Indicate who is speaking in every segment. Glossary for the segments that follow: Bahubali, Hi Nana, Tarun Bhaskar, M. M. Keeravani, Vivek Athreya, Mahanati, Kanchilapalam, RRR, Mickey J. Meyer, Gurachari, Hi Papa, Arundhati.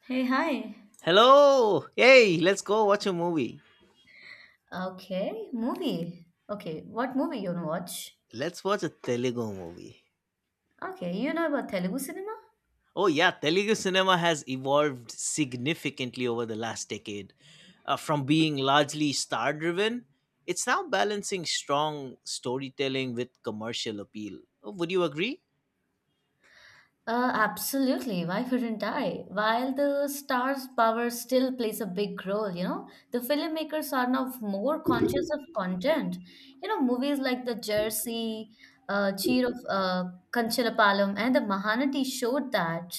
Speaker 1: Hey, hi.
Speaker 2: Hello! Hey, let's go watch a movie.
Speaker 1: Okay, movie. Okay, what movie you wanna watch?
Speaker 2: Let's watch a Telugu movie.
Speaker 1: Okay, you know about Telugu cinema?
Speaker 2: Oh, yeah, Telugu cinema has evolved significantly over the last decade. From being largely star driven, it's now balancing strong storytelling with commercial appeal. Oh, would you agree?
Speaker 1: Absolutely. Why couldn't I? While the star's power still plays a big role, the filmmakers are now more conscious of content. Movies like The Jersey, Cheer of Kanchilapalam, and The Mahanati showed that.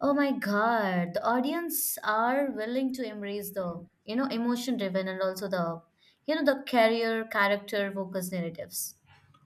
Speaker 1: Oh my God, the audience are willing to embrace the emotion driven and also the career, character focused narratives.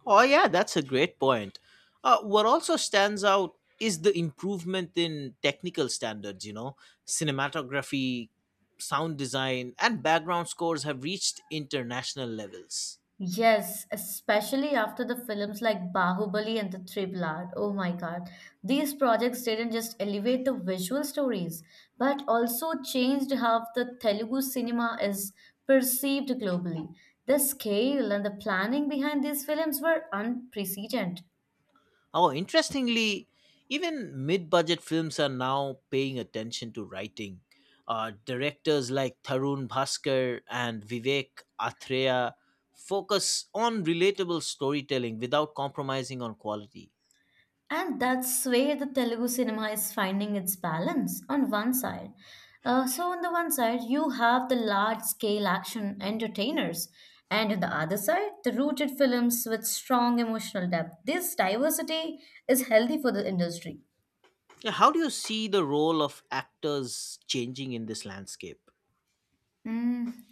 Speaker 2: Oh, yeah, that's a great point. What also stands out is the improvement in technical standards, you know, cinematography, sound design, and background scores have reached international levels.
Speaker 1: Yes, especially after the films like Bahubali and the Triplar. Oh my God. These projects didn't just elevate the visual stories, but also changed how the Telugu cinema is perceived globally. The scale and the planning behind these films were unprecedented.
Speaker 2: Oh, interestingly, even mid budget films are now paying attention to writing. Directors like Tarun Bhaskar and Vivek Athreya focus on relatable storytelling without compromising on quality.
Speaker 1: And that's where the Telugu cinema is finding its balance on one side. So, on the one side, you have the large scale action entertainers, and on the other side, the rooted films with strong emotional depth. This diversity is healthy for the industry.
Speaker 2: Yeah, how do you see the role of actors changing in this landscape?
Speaker 1: Mm,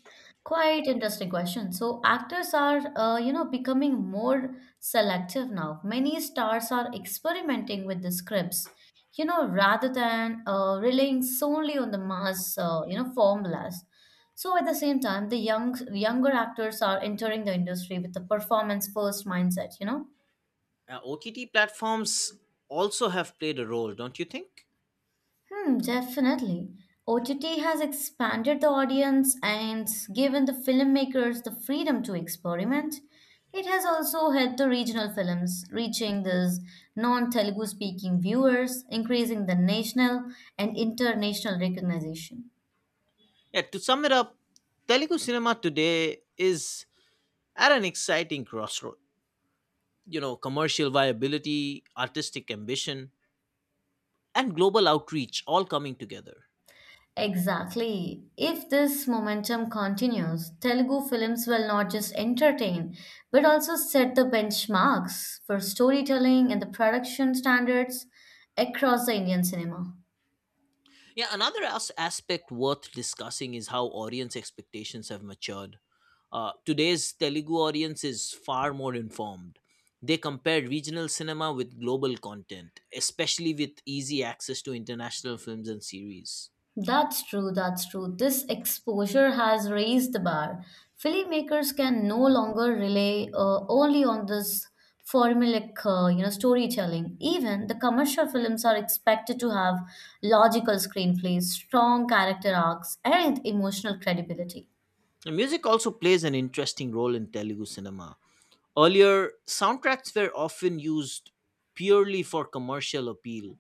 Speaker 1: quite interesting question. So actors are becoming more selective now. Many stars are experimenting with the scripts, rather than relying solely on the mass, formulas. So at the same time, the younger actors are entering the industry with a performance first mindset.
Speaker 2: OTT platforms also have played a role, don't you think?
Speaker 1: Hmm, definitely. OTT has expanded the audience and given the filmmakers the freedom to experiment. It has also helped the regional films reaching these non-Telugu speaking viewers, increasing the national and international recognition.
Speaker 2: Yeah, to sum it up, Telugu cinema today is at an exciting crossroad. You know, commercial viability, artistic ambition, and global outreach all coming together.
Speaker 1: Exactly. If this momentum continues, Telugu films will not just entertain, but also set the benchmarks for storytelling and the production standards across the Indian cinema.
Speaker 2: Yeah, another aspect worth discussing is how audience expectations have matured. Today's Telugu audience is far more informed. They compare regional cinema with global content, especially with easy access to international films and series.
Speaker 1: That's true, that's true. This exposure has raised the bar. Filmmakers can no longer rely only on this formulaic, storytelling. Even the commercial films are expected to have logical screenplays, strong character arcs, and emotional credibility.
Speaker 2: And music also plays an interesting role in Telugu cinema. Earlier, soundtracks were often used purely for commercial appeal,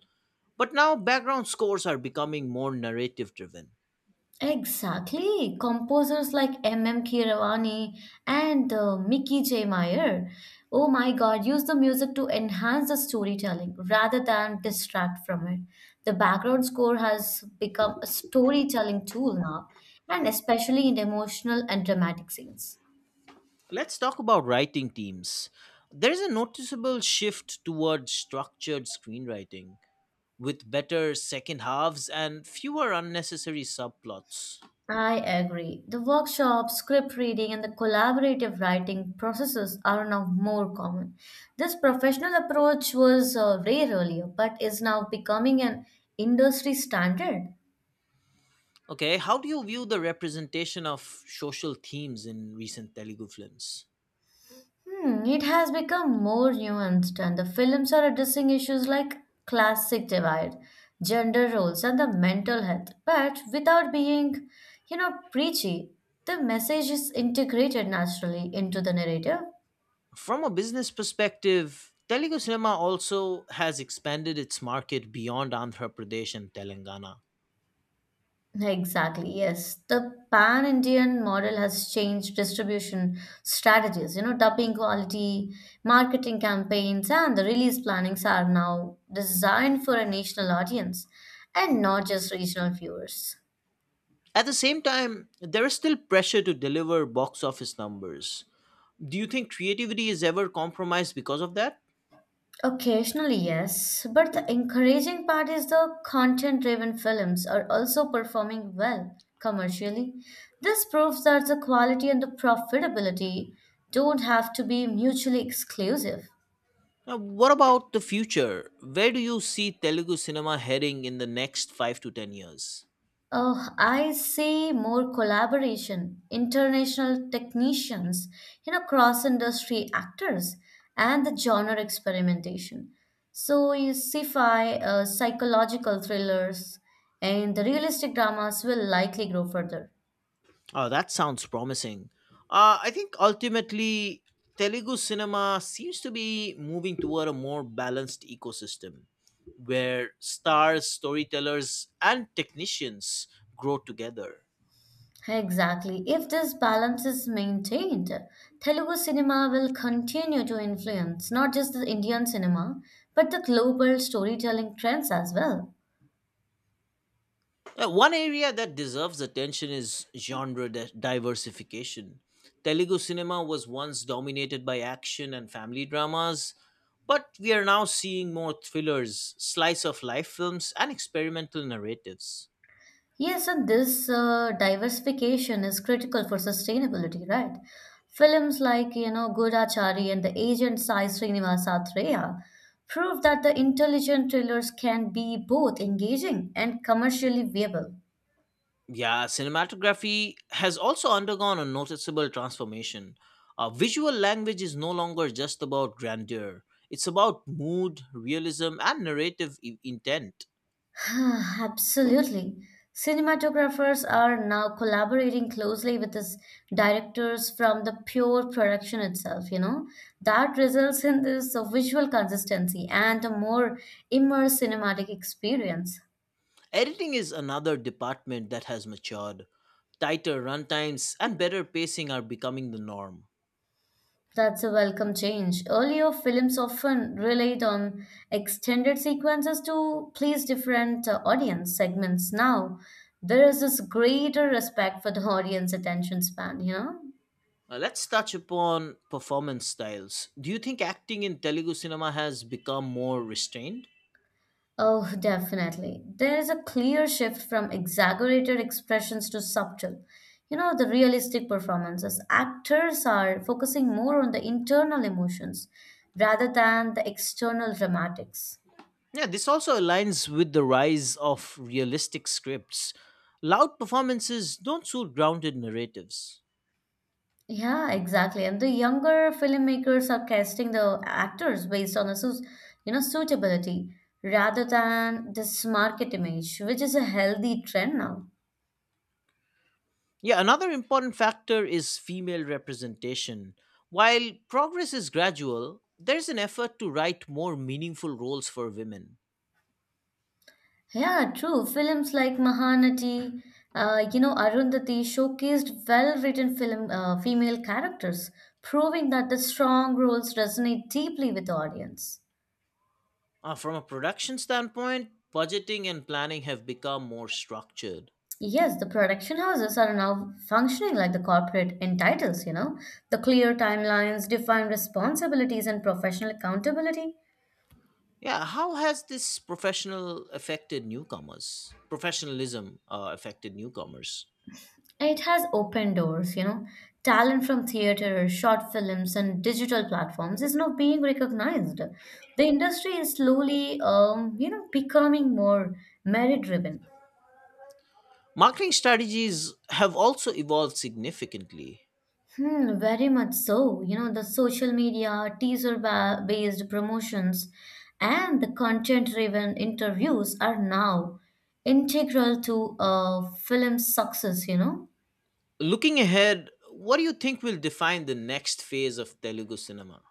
Speaker 2: but now background scores are becoming more narrative driven.
Speaker 1: Exactly. Composers like M. M. Keeravani and Mickey J. Meyer, oh my God, use the music to enhance the storytelling rather than distract from it. The background score has become a storytelling tool now, and especially in emotional and dramatic scenes.
Speaker 2: Let's talk about writing teams. There's a noticeable shift towards structured screenwriting with better second halves and fewer unnecessary subplots.
Speaker 1: I agree. The workshops, script reading, and the collaborative writing processes are now more common. This professional approach was rare earlier, but is now becoming an industry standard.
Speaker 2: Okay, how do you view the representation of social themes in recent Telugu films?
Speaker 1: Hmm, it has become more nuanced, and the films are addressing issues like classic divide, gender roles, and the mental health, but without being preachy. The message is integrated naturally into the narrative.
Speaker 2: From a business perspective, Telugu cinema also has expanded its market beyond Andhra Pradesh and Telangana.
Speaker 1: Exactly, yes. The pan Indian model has changed distribution strategies. Dubbing quality, marketing campaigns, and the release plannings are now designed for a national audience and not just regional viewers.
Speaker 2: At the same time, there is still pressure to deliver box office numbers. Do you think creativity is ever compromised because of that?
Speaker 1: Occasionally, yes, but the encouraging part is the content driven films are also performing well commercially. This proves that the quality and the profitability don't have to be mutually exclusive.
Speaker 2: Now, what about the future? Where do you see Telugu cinema heading in the next 5 to 10 years?
Speaker 1: Oh, I see more collaboration, international technicians, cross-industry actors, and the genre experimentation. So you sci-fi, psychological thrillers, and the realistic dramas will likely grow further.
Speaker 2: Oh, that sounds promising. I think ultimately, Telugu cinema seems to be moving toward a more balanced ecosystem where stars, storytellers, and technicians grow together.
Speaker 1: Exactly. If this balance is maintained, Telugu cinema will continue to influence not just the Indian cinema, but the global storytelling trends as well.
Speaker 2: One area that deserves attention is genre diversification. Telugu cinema was once dominated by action and family dramas, but we are now seeing more thrillers, slice of life films, and experimental narratives.
Speaker 1: Yes, and this diversification is critical for sustainability, right? Films like Gurachari and the agent Sai Srinivasa Atreya prove that the intelligent thrillers can be both engaging and commercially viable.
Speaker 2: Yeah, cinematography has also undergone a noticeable transformation. Visual language is no longer just about grandeur, it's about mood, realism, and narrative intent.
Speaker 1: Absolutely. Cinematographers are now collaborating closely with these directors from the pure production itself. That results in this visual consistency and a more immersive cinematic experience.
Speaker 2: Editing is another department that has matured. Tighter runtimes and better pacing are becoming the norm.
Speaker 1: That's a welcome change. Earlier, films often relied on extended sequences to please different audience segments. Now, there is this greater respect for the audience attention span, you know?
Speaker 2: Let's touch upon performance styles. Do you think acting in Telugu cinema has become more restrained?
Speaker 1: Oh, definitely. There is a clear shift from exaggerated expressions to subtle. The realistic performances. Actors are focusing more on the internal emotions rather than the external dramatics.
Speaker 2: Yeah, this also aligns with the rise of realistic scripts. Loud performances don't suit grounded narratives.
Speaker 1: Yeah, exactly. And the younger filmmakers are casting the actors based on a suitability rather than this market image, which is a healthy trend now.
Speaker 2: Yeah, another important factor is female representation. While progress is gradual, there's an effort to write more meaningful roles for women.
Speaker 1: Yeah, true. Films like Mahanati, Arundhati showcased well-written film female characters, proving that the strong roles resonate deeply with the audience.
Speaker 2: From a production standpoint, budgeting and planning have become more structured.
Speaker 1: Yes, the production houses are now functioning like the corporate entitles, the clear timelines, defined responsibilities, and professional accountability.
Speaker 2: Yeah, how has this professionalism affected newcomers.
Speaker 1: It has opened doors. Talent from theater, short films, and digital platforms is now being recognized. The industry is slowly, becoming more merit-driven.
Speaker 2: Marketing strategies have also evolved significantly.
Speaker 1: Hmm, very much so. The social media, teaser-based promotions, and the content-driven interviews are now integral to film success.
Speaker 2: Looking ahead, what do you think will define the next phase of Telugu cinema?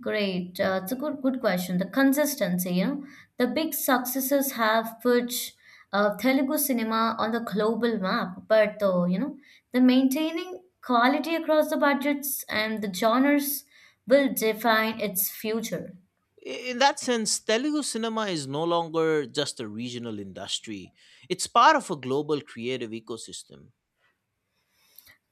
Speaker 1: Great. It's a good question. The consistency, the big successes have put Telugu cinema on the global map, but the maintaining quality across the budgets and the genres will define its future.
Speaker 2: In that sense, Telugu cinema is no longer just a regional industry. It's part of a global creative ecosystem.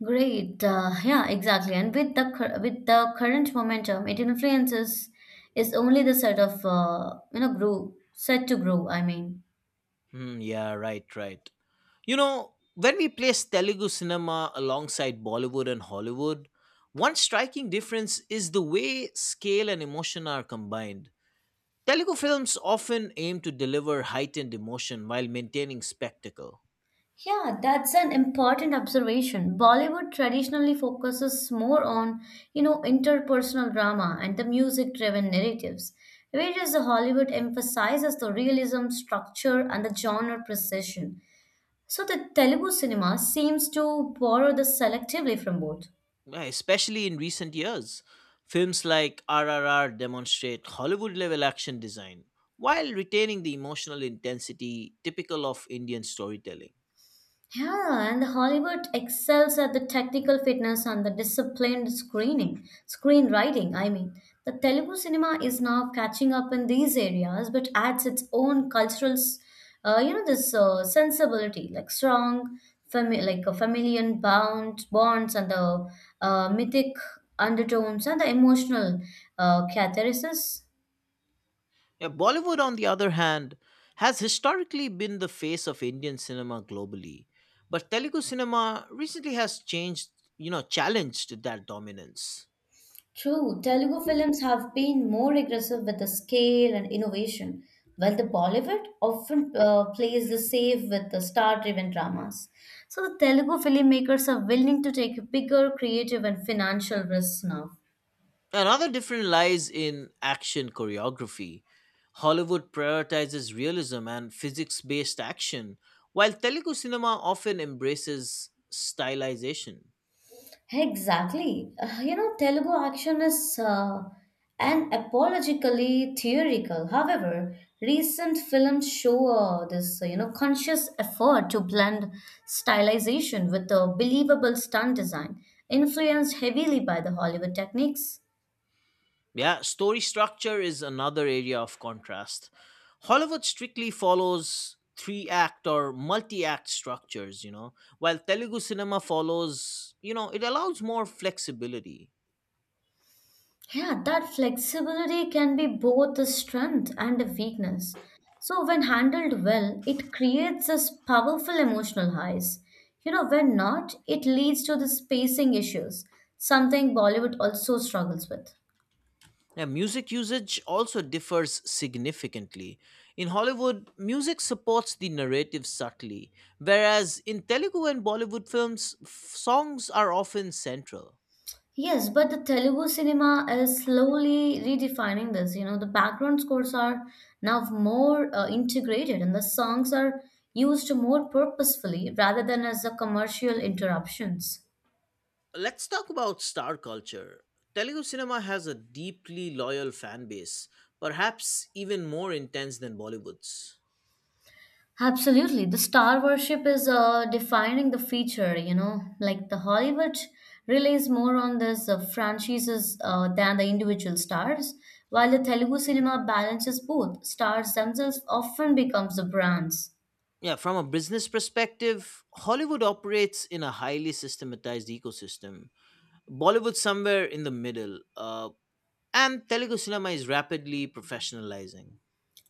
Speaker 1: Great. Yeah, exactly. And with with the current momentum, it influences is only the set of you know grow set to grow. I mean.
Speaker 2: Hmm, yeah, right, right. You know, when we place Telugu cinema alongside Bollywood and Hollywood, one striking difference is the way scale and emotion are combined. Telugu films often aim to deliver heightened emotion while maintaining spectacle.
Speaker 1: Yeah, that's an important observation. Bollywood traditionally focuses more on interpersonal drama and the music-driven narratives, whereas the Hollywood emphasizes the realism, structure, and the genre precision. So the Telugu cinema seems to borrow this selectively from both.
Speaker 2: Yeah, especially in recent years. Films like RRR demonstrate Hollywood level action design while retaining the emotional intensity typical of Indian storytelling.
Speaker 1: Yeah, and Hollywood excels at the technical fitness and the disciplined screenwriting. I mean, the Telugu cinema is now catching up in these areas, but adds its own cultural, s- you know, this sensibility, like strong, like a familial bound bonds and the mythic undertones and the emotional catharsis.
Speaker 2: Yeah, Bollywood, on the other hand, has historically been the face of Indian cinema globally, but Telugu cinema recently has changed, you know, challenged that dominance.
Speaker 1: True, Telugu films have been more aggressive with the scale and innovation, while the Bollywood often plays the safe with the star-driven dramas. So the Telugu filmmakers are willing to take bigger creative and financial risks now.
Speaker 2: Another difference lies in action choreography. Hollywood prioritizes realism and physics based action, while Telugu cinema often embraces stylization.
Speaker 1: Exactly. Telugu action is an apologically theoretical. However, recent films show this conscious effort to blend stylization with a believable stunt design, influenced heavily by the Hollywood techniques.
Speaker 2: Yeah, story structure is another area of contrast. Hollywood strictly follows three act or multi act structures, you know, while Telugu cinema follows, you know, it allows more flexibility.
Speaker 1: Yeah, that flexibility can be both a strength and a weakness. So, when handled well, it creates this powerful emotional highs. When not, it leads to the spacing issues, something Bollywood also struggles with.
Speaker 2: Now, music usage also differs significantly. In Hollywood, music supports the narrative subtly, whereas in Telugu and Bollywood films, songs are often central.
Speaker 1: Yes, but the Telugu cinema is slowly redefining this. The background scores are now more integrated and the songs are used more purposefully rather than as the commercial interruptions.
Speaker 2: Let's talk about star culture. Telugu cinema has a deeply loyal fan base, perhaps even more intense than Bollywood's.
Speaker 1: Absolutely. The star worship is defining the feature, like the Hollywood relies more on this franchises than the individual stars, while the Telugu cinema balances both. Stars themselves often becomes the brands.
Speaker 2: Yeah, from a business perspective, Hollywood operates in a highly systematized ecosystem. Bollywood somewhere in the middle, and Telugu cinema is rapidly professionalizing.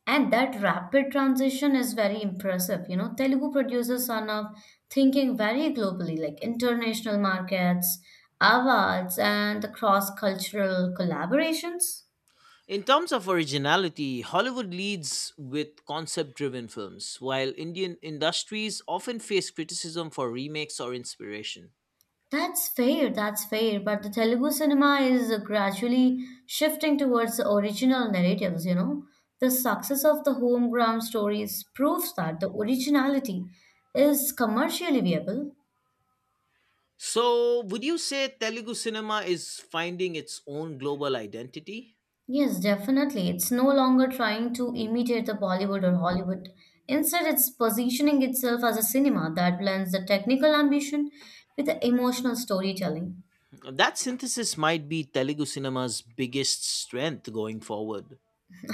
Speaker 1: And that rapid transition is very impressive. Telugu producers are now thinking very globally, like international markets, awards, and the cross-cultural collaborations.
Speaker 2: In terms of originality, Hollywood leads with concept driven films, while Indian industries often face criticism for remakes or inspiration.
Speaker 1: That's fair, that's fair. But the Telugu cinema is gradually shifting towards the original narratives. The success of the home ground stories proves that the originality is commercially viable.
Speaker 2: So, would you say Telugu cinema is finding its own global identity?
Speaker 1: Yes, definitely. It's no longer trying to imitate the Bollywood or Hollywood. Instead, it's positioning itself as a cinema that blends the technical ambition with the emotional storytelling.
Speaker 2: That synthesis might be Telugu cinema's biggest strength going forward.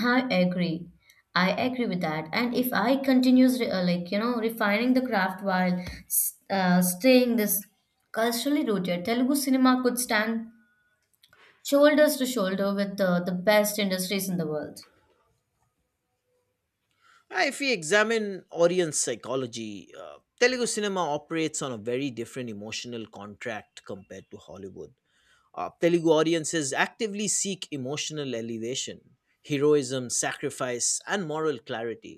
Speaker 1: I agree. I agree with that. And if I continues like refining the craft while staying this culturally rooted, Telugu cinema could stand shoulders to shoulder with the best industries in the world.
Speaker 2: If we examine audience psychology, Telugu cinema operates on a very different emotional contract compared to Hollywood. Telugu audiences actively seek emotional elevation, heroism, sacrifice, and moral clarity.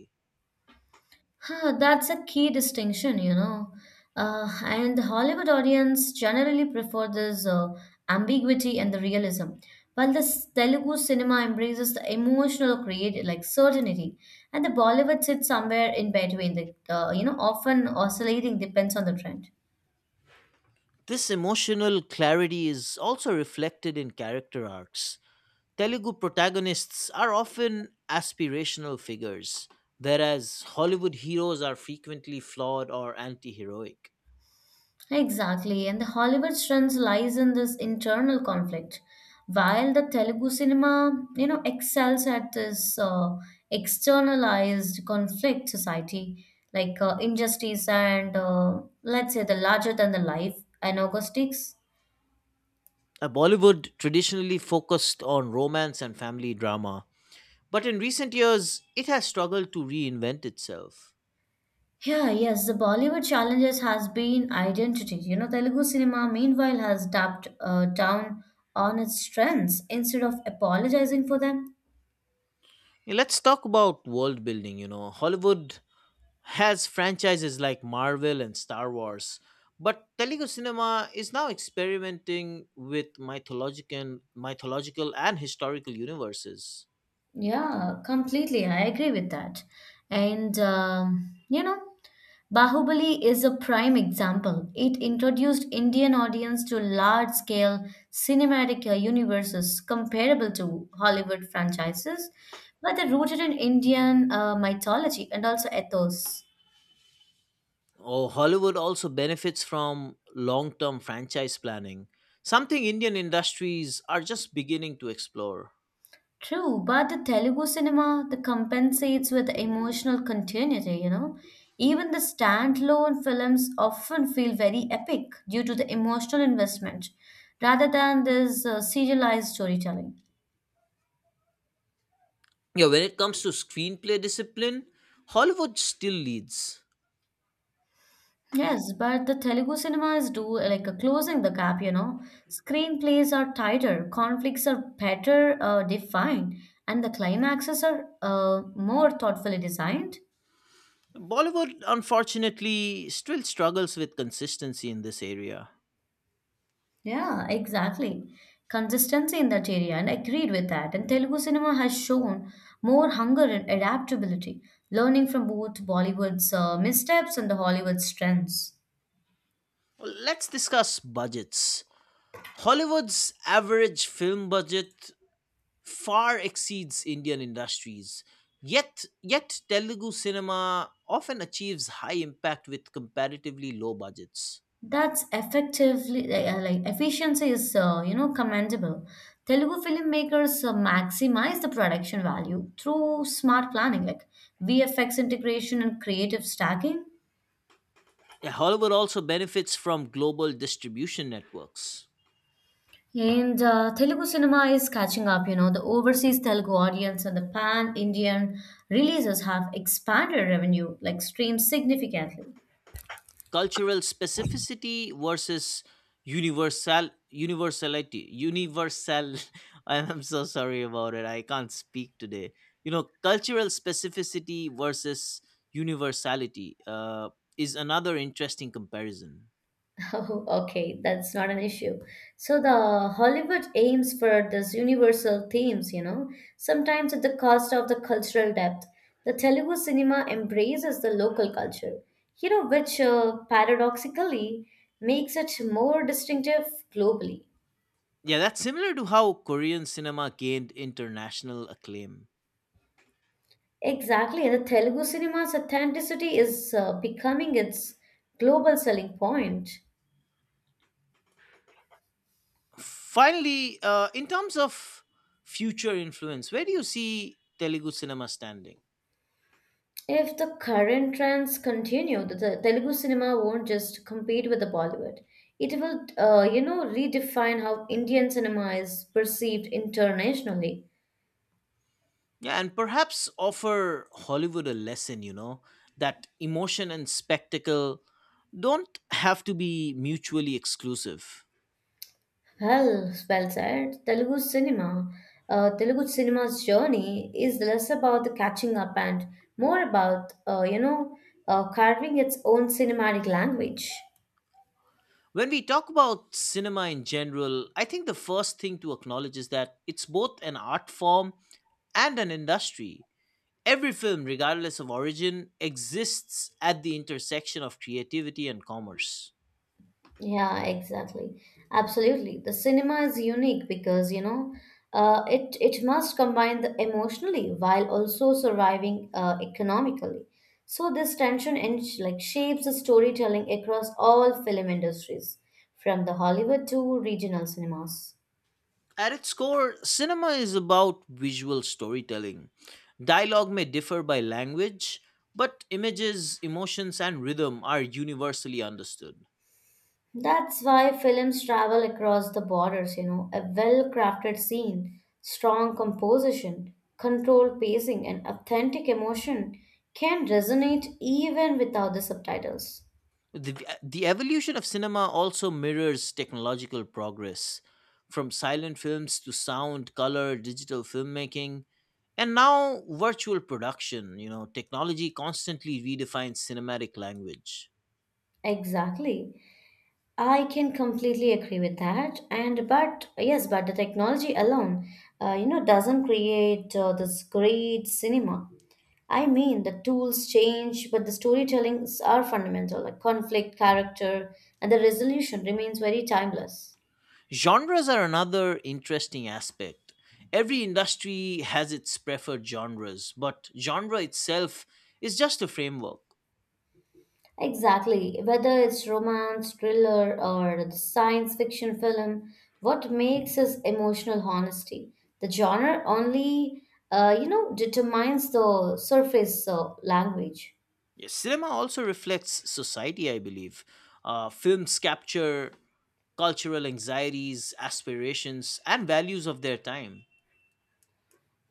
Speaker 1: Huh, that's a key distinction. And the Hollywood audience generally prefer this ambiguity and the realism, while the Telugu cinema embraces the emotional create like certainty, and the Bollywood sits somewhere in between. The often oscillating depends on the trend.
Speaker 2: This emotional clarity is also reflected in character arcs. Telugu protagonists are often aspirational figures, whereas Hollywood heroes are frequently flawed or anti heroic.
Speaker 1: Exactly, and the Hollywood strength lies in this internal conflict. While the Telugu cinema excels at this externalized conflict society, like injustice and let's say the larger than the life anagonistics.
Speaker 2: Bollywood traditionally focused on romance and family drama, but in recent years it has struggled to reinvent itself.
Speaker 1: Yeah, yes, the Bollywood challenges has been identity. Telugu cinema meanwhile has tapped down on its strengths instead of apologizing for them.
Speaker 2: Yeah, let's talk about world building. You know, Hollywood has franchises like Marvel and Star Wars, but Telugu cinema is now experimenting with mythological and historical universes.
Speaker 1: Yeah, completely. I agree with that. And, Bahubali is a prime example. It introduced Indian audience to large-scale cinematic universes comparable to Hollywood franchises, but they're rooted in Indian mythology and also ethos.
Speaker 2: Oh, Hollywood also benefits from long-term franchise planning, something Indian industries are just beginning to explore.
Speaker 1: True, but the Telugu cinema the compensates with emotional continuity. Even the standalone films often feel very epic due to the emotional investment rather than this serialized storytelling.
Speaker 2: Yeah, when it comes to screenplay discipline, Hollywood still leads.
Speaker 1: Yes, but the Telugu cinema is do like closing the gap. Screenplays are tighter, conflicts are better defined, and the climaxes are more thoughtfully designed.
Speaker 2: Bollywood, unfortunately, still struggles with consistency in this area.
Speaker 1: Yeah, exactly. Consistency in that area, and I agreed with that. And Telugu cinema has shown more hunger and adaptability, learning from both Bollywood's missteps and the Hollywood's strengths.
Speaker 2: Well, let's discuss budgets. Hollywood's average film budget far exceeds Indian industries. Yet Telugu cinema often achieves high impact with comparatively low budgets.
Speaker 1: That's effectively like efficiency is commendable. Telugu filmmakers maximize the production value through smart planning, like VFX integration and creative stacking.
Speaker 2: Yeah, Hollywood also benefits from global distribution networks.
Speaker 1: And Telugu cinema is catching up, you know, the overseas Telugu audience and the pan Indian releases have expanded revenue, like streams significantly.
Speaker 2: Cultural specificity versus universal I'm so sorry about it, I can't speak today. You know, cultural specificity versus universality is another interesting comparison.
Speaker 1: Oh, okay, that's not an issue. So the Hollywood aims for these universal themes, you know, sometimes at the cost of the cultural depth. The Telugu cinema embraces the local culture, you know, which paradoxically makes it more distinctive globally.
Speaker 2: Yeah, that's similar to how Korean cinema gained international acclaim.
Speaker 1: Exactly. The Telugu cinema's authenticity is becoming its global selling point.
Speaker 2: Finally, in terms of future influence, where do you see Telugu cinema standing?
Speaker 1: If the current trends continue, the Telugu cinema won't just compete with the Bollywood. It will, redefine how Indian cinema is perceived internationally.
Speaker 2: Yeah, and perhaps offer Hollywood a lesson, you know, that emotion and spectacle don't have to be mutually exclusive.
Speaker 1: Well, well said. Telugu cinema, Telugu cinema's journey is less about the catching up and more about, carving its own cinematic language.
Speaker 2: When we talk about cinema in general, I think the first thing to acknowledge is that it's both an art form and an industry. Every film, regardless of origin, exists at the intersection of creativity and commerce.
Speaker 1: Yeah, exactly. Absolutely. The cinema is unique because, it must combine the emotionally while also surviving economically. So this tension in, like shapes the storytelling across all film industries, from the Hollywood to regional cinemas.
Speaker 2: At its core, cinema is about visual storytelling. Dialogue may differ by language, but images, emotions, and rhythm are universally understood.
Speaker 1: That's why films travel across the borders, you know. A well crafted scene, strong composition, controlled pacing, and authentic emotion can resonate even without the subtitles.
Speaker 2: The, the evolution of cinema also mirrors technological progress, from silent films to sound, color, digital filmmaking, and now virtual production. You know, technology constantly redefines cinematic language.
Speaker 1: Exactly. I can completely agree with that. And but yes, but the technology alone, doesn't create this great cinema. I mean, the tools change, but the storytellings are fundamental, like conflict, character, and the resolution remains very timeless.
Speaker 2: Genres are another interesting aspect. Every industry has its preferred genres, but genre itself is just a framework.
Speaker 1: Exactly. Whether it's romance, thriller, or the science fiction film, what makes is emotional honesty. The genre only, determines the surface language.
Speaker 2: Yes, cinema also reflects society, I believe. Films capture cultural anxieties, aspirations, and values of their time.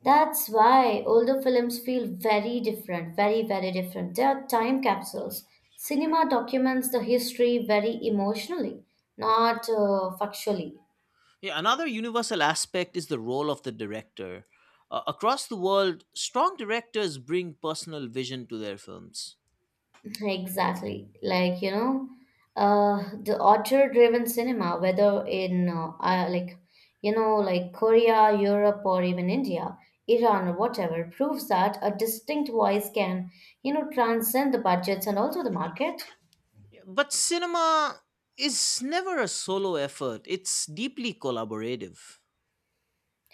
Speaker 1: That's why older films feel very different, very, very different. They are time capsules. Cinema documents the history very emotionally, not factually.
Speaker 2: Yeah, another universal aspect is the role of the director. Across the world, strong directors bring personal vision to their films.
Speaker 1: Exactly. The author driven cinema, whether in, Korea, Europe, or even India, Iran, or whatever, proves that a distinct voice can, you know, transcend the budgets and also the market.
Speaker 2: But cinema is never a solo effort, it's deeply collaborative.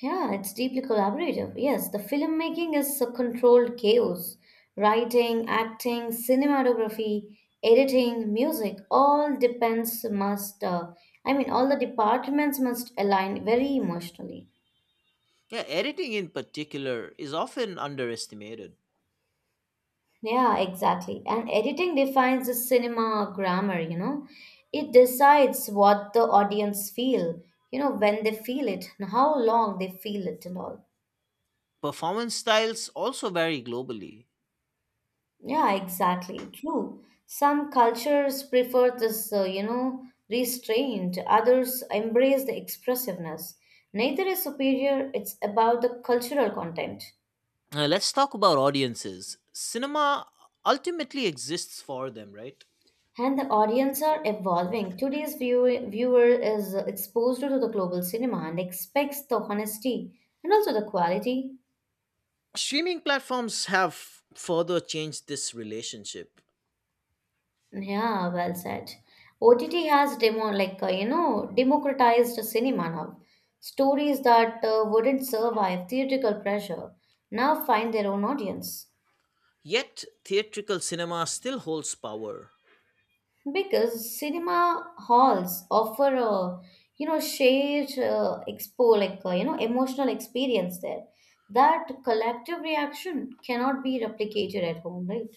Speaker 1: Yeah, it's deeply collaborative. Yes, the filmmaking is a controlled chaos. Writing, acting, cinematography, editing, music, I mean, all the departments must align very emotionally.
Speaker 2: Yeah, editing in particular is often underestimated.
Speaker 1: Yeah, exactly. And editing defines the cinema grammar, you know. It decides what the audience feel, you know, when they feel it, and how long they feel it and all.
Speaker 2: Performance styles also vary globally.
Speaker 1: Yeah, exactly. True. Some cultures prefer this, restraint. Others embrace the expressiveness. Neither is superior. It's about the cultural content.
Speaker 2: Let's talk about audiences. Cinema ultimately exists for them, right?
Speaker 1: And the audience are evolving. Today's viewer is exposed to the global cinema and expects the honesty and also the quality.
Speaker 2: Streaming platforms have further changed this relationship.
Speaker 1: Yeah, well said. OTT has demo like you know democratized cinema now. Stories that wouldn't survive theatrical pressure now find their own audience
Speaker 2: Yet, theatrical cinema still holds power.
Speaker 1: because cinema halls offer a you know shared expo like you know emotional experience there. That collective reaction cannot be replicated at home, right?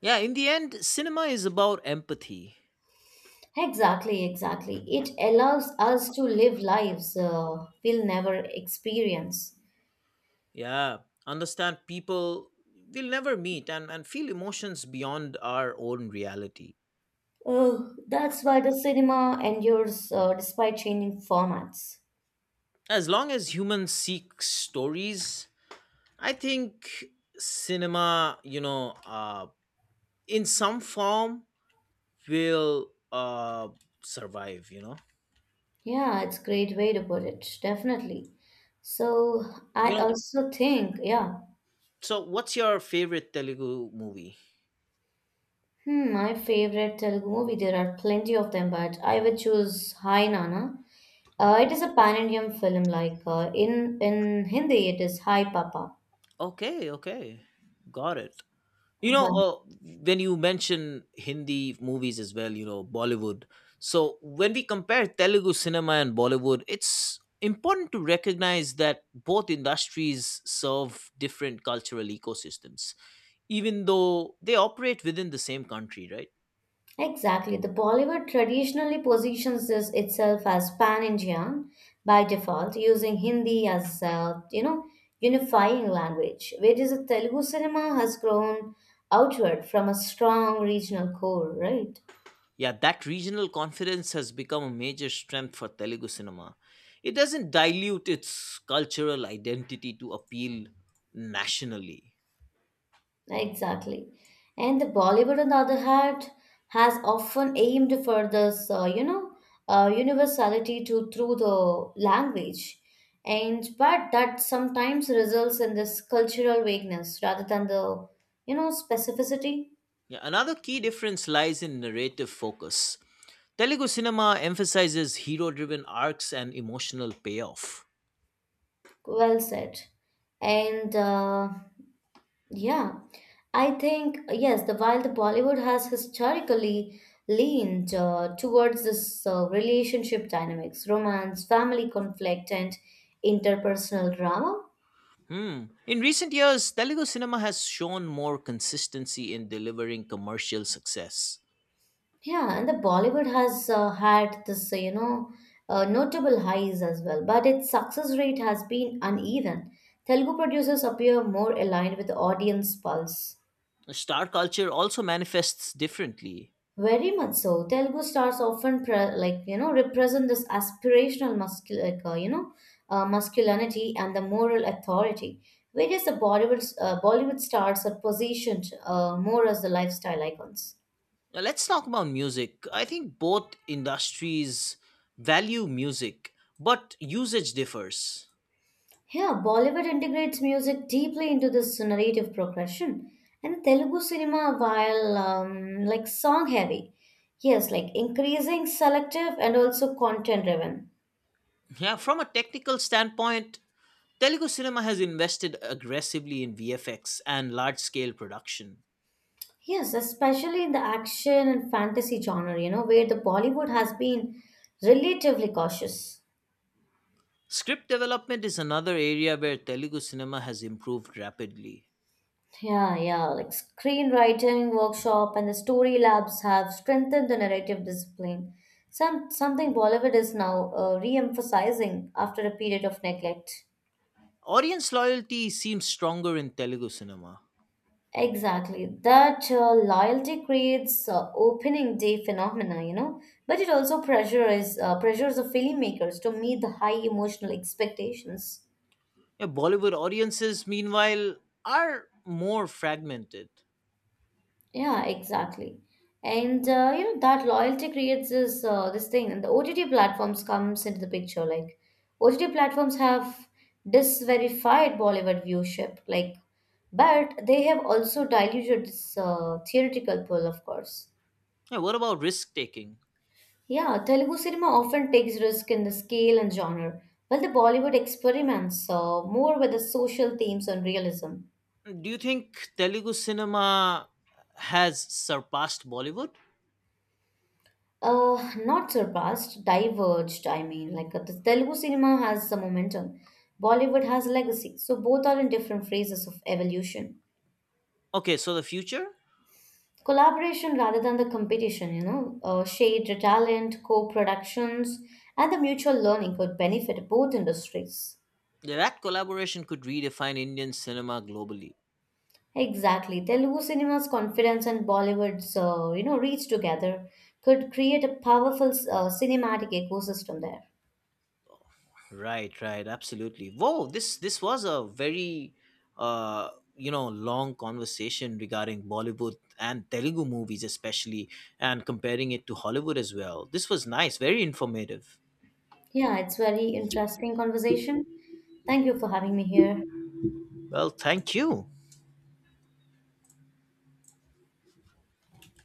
Speaker 2: Yeah, in the end, cinema is about empathy.
Speaker 1: Exactly, exactly. It allows us to live lives we'll never experience.
Speaker 2: Yeah, understand people we'll never meet and feel emotions beyond our own reality.
Speaker 1: Oh, that's why the cinema endures despite changing formats.
Speaker 2: As long as humans seek stories, I think cinema, in some form will survive, you know.
Speaker 1: Yeah, it's a great way to put it, definitely. So I
Speaker 2: You know,
Speaker 1: also think, yeah,
Speaker 2: so what's your favorite Telugu movie?
Speaker 1: hmm, my favorite Telugu movie. There are plenty of them, but I would choose Hi Nana.
Speaker 2: Okay.
Speaker 1: It is a pan-Indian film. Like in Hindi, it is Hi Papa.
Speaker 2: Okay, okay. Got it. You know,
Speaker 1: Well,
Speaker 2: uh, when you mention Hindi movies as well, you know, Bollywood. So when we compare Telugu cinema and Bollywood, it's important to recognize that both industries serve different cultural ecosystems, even though they operate within the same country, right?
Speaker 1: exactly. The Bollywood traditionally positions this itself as pan-Indian by default, using Hindi as unifying language, whereas the Telugu cinema has grown outward from a strong regional core, right?
Speaker 2: Yeah, that regional confidence has become a major strength for Telugu cinema. It doesn't dilute its cultural identity to appeal nationally.
Speaker 1: Exactly. And the Bollywood, on the other hand, has often aimed for this, universality to through the language, and but that sometimes results in this cultural vagueness rather than the, you know, specificity.
Speaker 2: Yeah, another key difference lies in narrative focus. Telugu cinema emphasizes hero driven arcs and emotional payoff.
Speaker 1: Well said. And yeah, I think, yes, the while the Bollywood has historically leaned towards this relationship dynamics, romance, family conflict, and interpersonal drama.
Speaker 2: Hmm. In recent years, Telugu cinema has shown more consistency in delivering commercial success.
Speaker 1: Yeah, and the Bollywood has had this, notable highs as well, but its success rate has been uneven. Telugu producers appear more aligned with the audience pulse.
Speaker 2: Star culture also manifests differently.
Speaker 1: Very much so. Telugu stars often represent this aspirational masculinity and the moral authority, whereas the Bollywood stars are positioned more as the lifestyle icons.
Speaker 2: Now, let's talk about music. I think both industries value music, but usage differs.
Speaker 1: Yeah, Bollywood integrates music deeply into this narrative progression, and Telugu cinema while like song heavy, yes, like increasing selective and also content driven.
Speaker 2: Yeah, from a technical standpoint, Telugu cinema has invested aggressively in VFX and large scale production.
Speaker 1: Yes, especially in the action and fantasy genre, you know, where the Bollywood has been relatively cautious.
Speaker 2: Script development is another area where Telugu cinema has improved rapidly.
Speaker 1: Yeah, yeah, like screenwriting workshop and the story labs have strengthened the narrative discipline. Something Bollywood is now re-emphasizing after a period of neglect.
Speaker 2: Audience loyalty seems stronger in Telugu cinema.
Speaker 1: Exactly. That loyalty creates opening day phenomena, you know, but it also pressures the filmmakers to meet the high emotional expectations.
Speaker 2: Yeah, Bollywood audiences, meanwhile, are more fragmented.
Speaker 1: Yeah, exactly. And you know that loyalty creates this thing, and the OTT platforms comes into the picture. Like OTT platforms have disverified Bollywood viewership, like, but they have also diluted this theoretical pull, of course.
Speaker 2: Yeah, what about risk taking?
Speaker 1: Yeah, Telugu cinema often takes risk in the scale and genre, while the Bollywood experiments more with the social themes and realism.
Speaker 2: Do you think Telugu cinema has surpassed Bollywood?
Speaker 1: Not surpassed, diverged, I mean, the Telugu cinema has some momentum, Bollywood has legacy, so both are in different phases of evolution.
Speaker 2: Okay, so the future?
Speaker 1: Collaboration rather than the competition, you know, shared talent, co productions, and the mutual learning could benefit both industries.
Speaker 2: That collaboration could redefine Indian cinema globally.
Speaker 1: Exactly. Telugu cinema's confidence and Bollywood's, reach together could create a powerful cinematic ecosystem there.
Speaker 2: Right, right, absolutely. Whoa, this was a very uh you know long conversation regarding Bollywood and Telugu movies especially and comparing it to Hollywood as well. This was nice, very informative.
Speaker 1: Yeah, it's very interesting conversation. Thank you for having me here.
Speaker 2: Well, thank you.